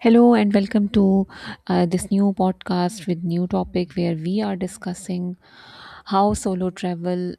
Hello and welcome to this new podcast with new topic where we are discussing how solo travel,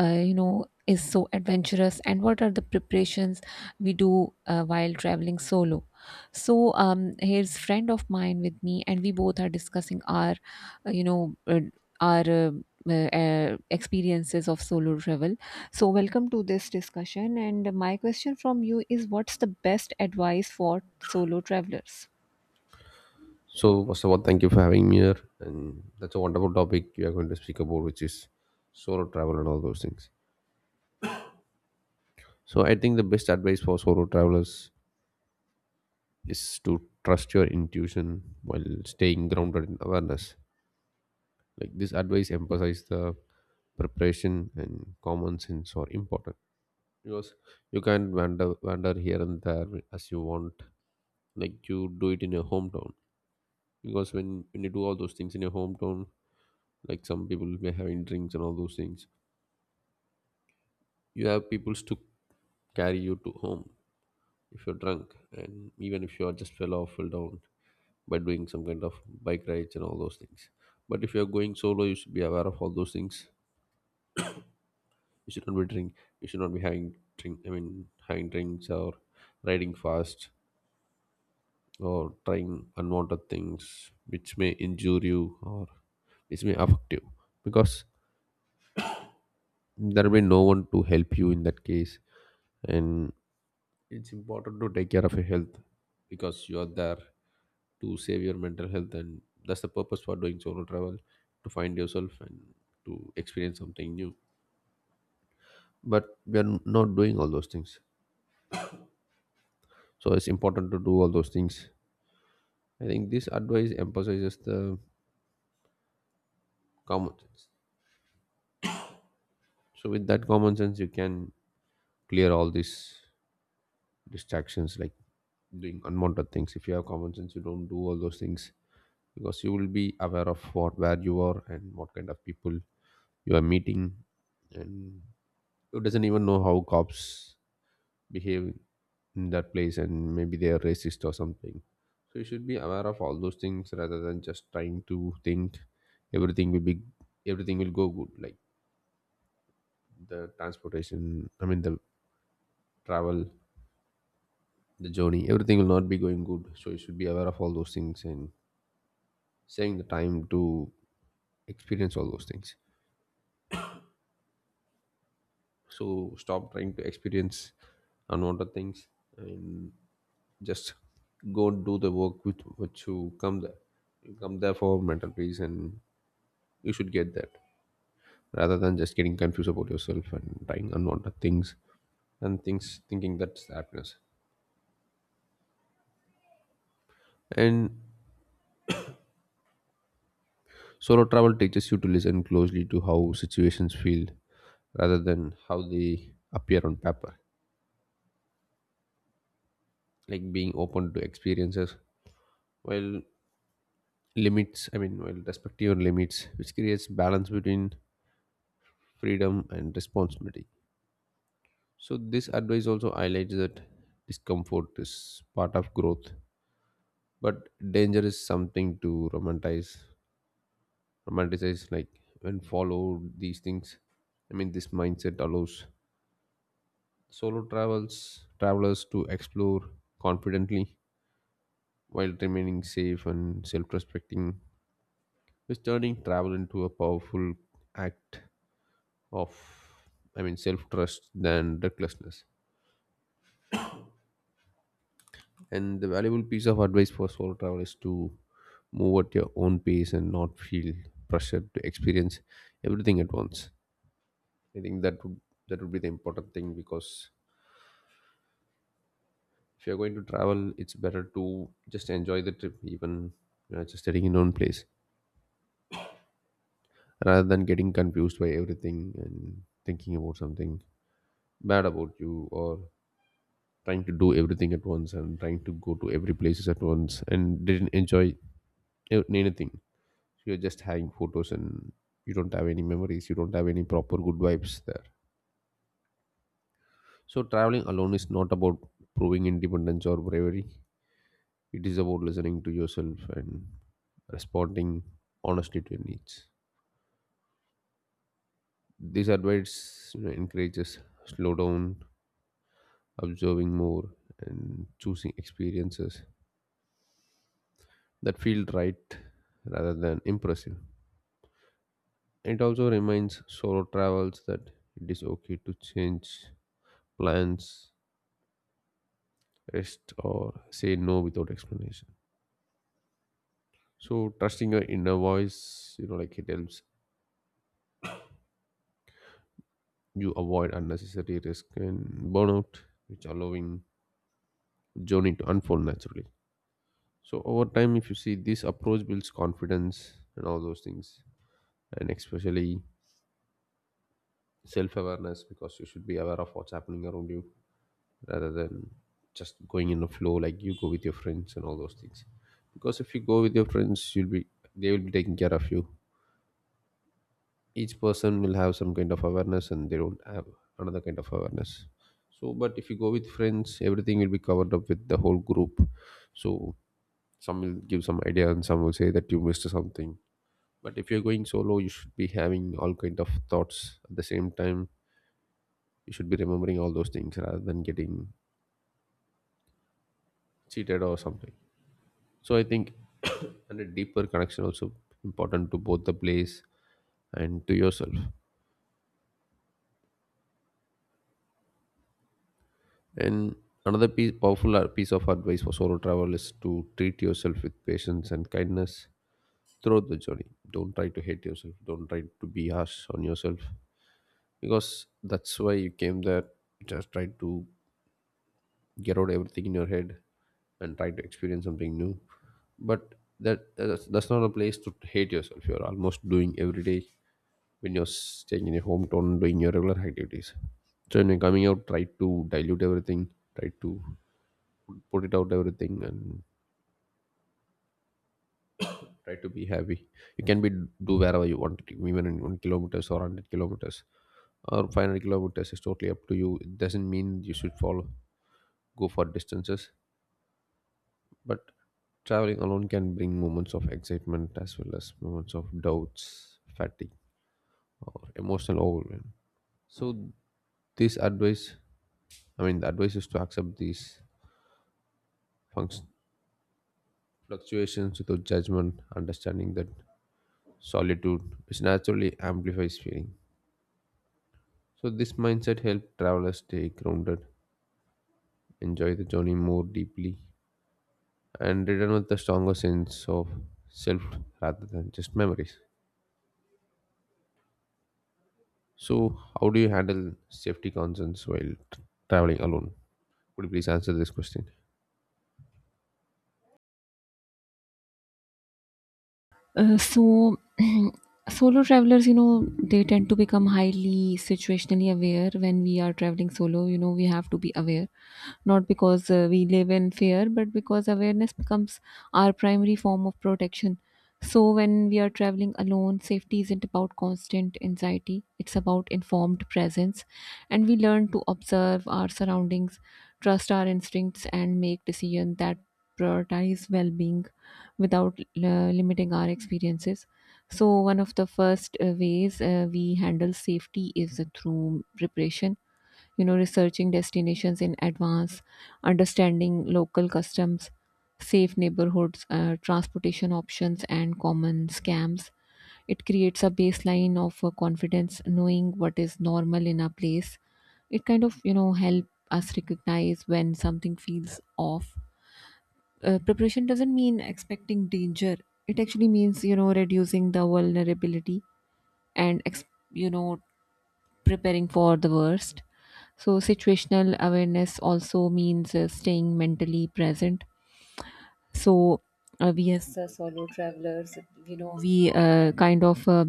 is so adventurous and what are the preparations we do while traveling solo. So here's friend of mine with me, and we both are discussing our, you know, our. Experiences of solo travel. So, welcome to this discussion. And my question from you is what's the best advice for solo travelers? So, first of all, thank you for having me here. And that's a wonderful topic we are going to speak about, which is solo travel and all those things. So, I think the best advice for solo travelers is to trust your intuition while staying grounded in awareness. Like, this advice emphasizes the preparation and common sense are important because you can wander here and there as you want, like you do it in your hometown. Because when you do all those things in your hometown, like some people may having drinks and all those things, you have people to carry you to home if you're drunk, and even if you are just fell down by doing some kind of bike rides and all those things. But if you're going solo, you should be aware of all those things. You should not be drink, you should not be having drink, I mean, having drinks, or riding fast, or trying unwanted things which may injure you or which may affect you, because there will be no one to help you in that case. And it's important to take care of your health, because you are there to save your mental health, and that's the purpose for doing solo travel: to find yourself and to experience something new. But we are not doing all those things, so it's important to do all those things. I think this advice emphasizes the common sense. So with that common sense, you can clear all these distractions, like doing unwanted things. If you have common sense, you don't do all those things, because you will be aware of what, where you are, and what kind of people you are meeting, and who doesn't even know how cops behave in that place, and maybe they are racist or something. So you should be aware of all those things rather than just trying to think everything will be, everything will go good, like the transportation, I mean the travel, the journey, everything will not be going good. So you should be aware of all those things, and saving the time to experience all those things. So stop trying to experience unwanted things, and just go and do the work with which you come there. You come there for mental peace, and you should get that, rather than just getting confused about yourself and trying unwanted things and things, thinking that's happiness. And solo travel teaches you to listen closely to how situations feel rather than how they appear on paper, like being open to experiences while limits I mean while respecting your limits, which creates balance between freedom and responsibility. So this advice also highlights that discomfort is part of growth, but danger is something to romanticize. Romanticize, like when follow these things. I mean, this mindset allows solo travels travelers to explore confidently while remaining safe and self-respecting, is turning travel into a powerful act of, I mean, self-trust than recklessness. And the valuable piece of advice for solo travel is to move at your own pace and not feel pressured to experience everything at once. I think that would be the important thing, because if you're going to travel, it's better to just enjoy the trip, even, you know, just staying in one place, rather than getting confused by everything and thinking about something bad about you, or trying to do everything at once and trying to go to every places at once, and didn't enjoy anything. You're just having photos, and you don't have any memories, you don't have any proper good vibes there. So traveling alone is not about proving independence or bravery. It is about listening to yourself and responding honestly to your needs. This advice, you know, encourages slow down, observing more, and choosing experiences that feel right rather than impressive. It also reminds solo travels that it is okay to change plans, rest, or say no without explanation. So trusting your inner voice, you know, like, it helps you avoid unnecessary risk and burnout, which allowing journey to unfold naturally. So over time, if you see, this approach builds confidence and all those things, and especially self-awareness, because you should be aware of what's happening around you rather than just going in a flow, like you go with your friends and all those things. Because if you go with your friends, you'll be, they will be taking care of you. Each person will have some kind of awareness and they don't have another kind of awareness. So but if you go with friends, everything will be covered up with the whole group. So some will give some idea and some will say that you missed something. But if you're going solo, you should be having all kind of thoughts at the same time. You should be remembering all those things rather than getting cheated or something. So I think and a deeper connection also important to both the place and to yourself. And another piece, powerful piece of advice for solo travel is to treat yourself with patience and kindness throughout the journey. Don't try to hate yourself. Don't try to be harsh on yourself, because that's why you came there. Just try to get out everything in your head and try to experience something new. But that's not a place to hate yourself. You're almost doing every day when you're staying in your hometown doing your regular activities. So when you're coming out, try to dilute everything. Try to put it out everything and try to be happy. You can be do wherever you want to, even in 1 kilometers or 100 kilometers or 500 kilometers, is totally up to you. It doesn't mean you should follow, go for distances. But traveling alone can bring moments of excitement as well as moments of doubts, fatigue, or emotional overwhelm. So this advice, I mean, the advice is to accept these func- fluctuations without judgment, understanding that solitude which naturally amplifies feeling. So this mindset helped travelers stay grounded, enjoy the journey more deeply, and return with a stronger sense of self rather than just memories. So how do you handle safety concerns while t- traveling alone? Could you please answer this question? So solo travelers, you know, they tend to become highly situationally aware. When we are traveling solo, you know, we have to be aware, not because we live in fear, but because awareness becomes our primary form of protection. So when we are traveling alone, safety isn't about constant anxiety; it's about informed presence. And we learn to observe our surroundings, trust our instincts, and make decisions that prioritize well-being without limiting our experiences. So, one of the first ways we handle safety is through preparation, you know, researching destinations in advance, understanding local customs, safe neighborhoods, transportation options, and common scams. It creates a baseline of confidence. Knowing what is normal in a place, it kind of, you know, help us recognize when something feels off. Preparation doesn't mean expecting danger; it actually means, you know, reducing the vulnerability and you know preparing for the worst. So situational awareness also means staying mentally present. So we as solo travelers, you know, we kind of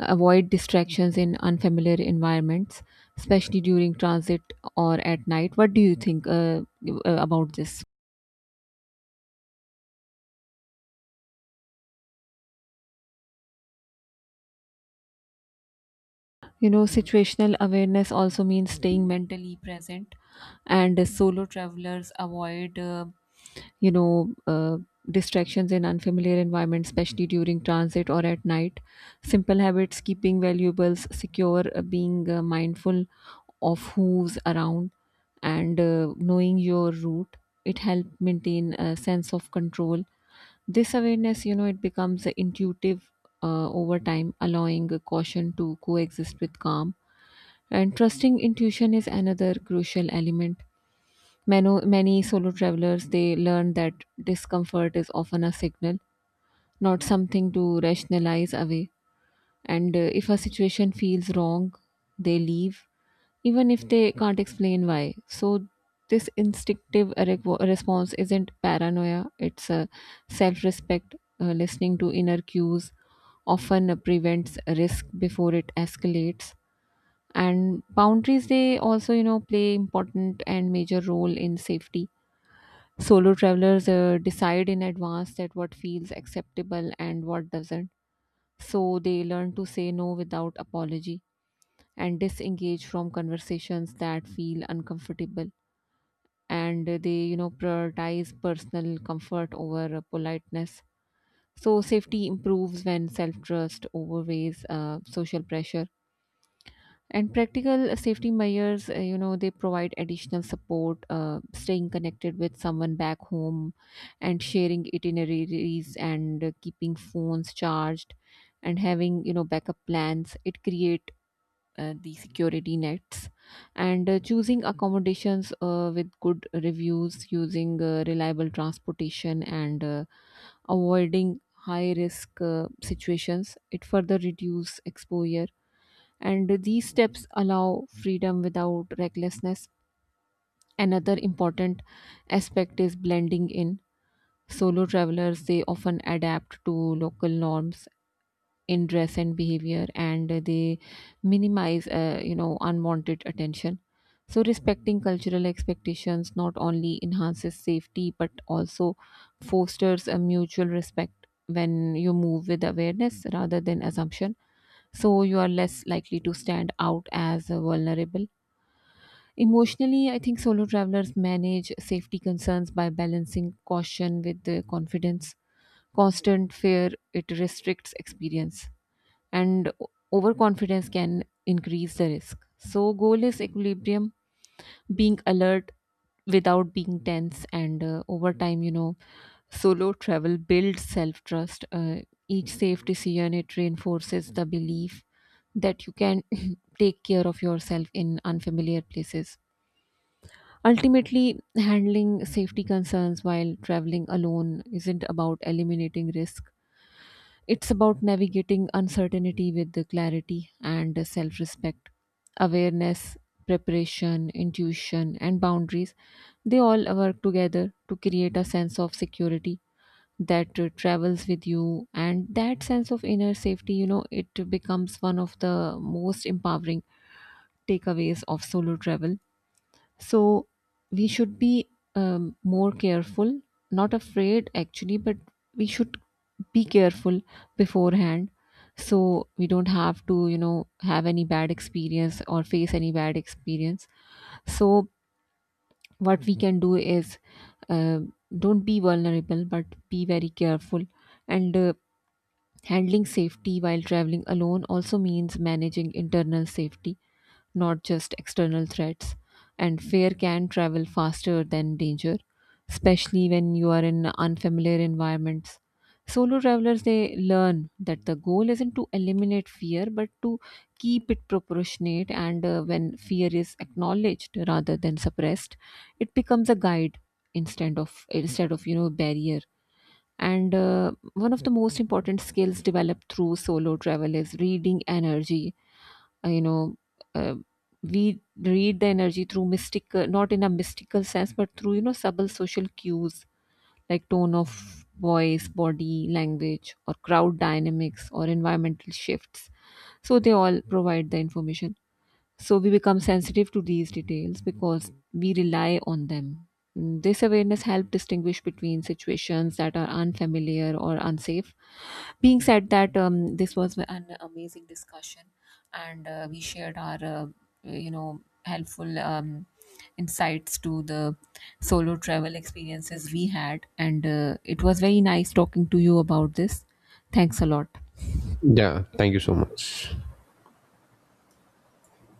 avoid distractions in unfamiliar environments, especially during transit or at night. What do you think about this? You know, situational awareness also means staying mentally present, and solo travelers avoid, you know, uh, distractions in unfamiliar environments, especially during transit or at night. Simple habits, keeping valuables secure, being mindful of who's around, and knowing your route, it help maintain a sense of control. This awareness, you know, it becomes intuitive over time, allowing caution to coexist with calm. And trusting intuition is another crucial element. Many solo travelers they learn that discomfort is often a signal, not something to rationalize away. And if a situation feels wrong, they leave, even if they can't explain why. So this instinctive response isn't paranoia; it's a self-respect. Listening to inner cues often prevents risk before it escalates. And boundaries, they also, you know, play important and major role in safety. Solo travelers decide in advance that what feels acceptable and what doesn't, so they learn to say no without apology and disengage from conversations that feel uncomfortable. And they, you know, prioritize personal comfort over politeness. So safety improves when self trust overweighs social pressure. And practical safety measures, you know, they provide additional support. Staying connected with someone back home and sharing itineraries, and keeping phones charged, and having, you know, backup plans, it create the security nets. And choosing accommodations with good reviews, using reliable transportation, and avoiding high risk situations, it further reduce exposure. And these steps allow freedom without recklessness. Another important aspect is blending in. Solo travelers, they often adapt to local norms in dress and behavior, and they minimize unwanted attention. So respecting cultural expectations not only enhances safety but also fosters a mutual respect. When you move with awareness rather than assumption, so you are less likely to stand out as vulnerable. Emotionally, I think solo travelers manage safety concerns by balancing caution with the confidence. Constant fear, it restricts experience, and overconfidence can increase the risk. So, goal is equilibrium, being alert without being tense. And over time, you know, solo travel builds self trust. Each safe decision, it reinforces the belief that you can take care of yourself in unfamiliar places. Ultimately, handling safety concerns while traveling alone isn't about eliminating risk; it's about navigating uncertainty with the clarity and self respect. Awareness, preparation, intuition, and boundaries, they all work together to create a sense of security that travels with you. And that sense of inner safety, you know, it becomes one of the most empowering takeaways of solo travel. So we should be more careful, not afraid actually, but we should be careful beforehand, so we don't have to, you know, have any bad experience or face any bad experience. So what we can do is uh, don't be vulnerable, but be very careful. And handling safety while traveling alone also means managing internal safety, not just external threats. And fear can travel faster than danger, especially when you are in unfamiliar environments. Solo travelers, they learn that the goal isn't to eliminate fear but to keep it proportionate. And when fear is acknowledged rather than suppressed, it becomes a guide instead of you know, barrier. And one of the most important skills developed through solo travel is reading energy. uh, you know uh, we read the energy through mystic not in a mystical sense but through, you know, subtle social cues like tone of voice, body language, or crowd dynamics, or environmental shifts. So they all provide the information. So we become sensitive to these details because we rely on them. Mm. This awareness helps distinguish between situations that are unfamiliar or unsafe. Being said that, this was an amazing discussion, and we shared our, helpful insights to the solo travel experiences we had, and it was very nice talking to you about this. Thanks a lot. Yeah, thank you so much.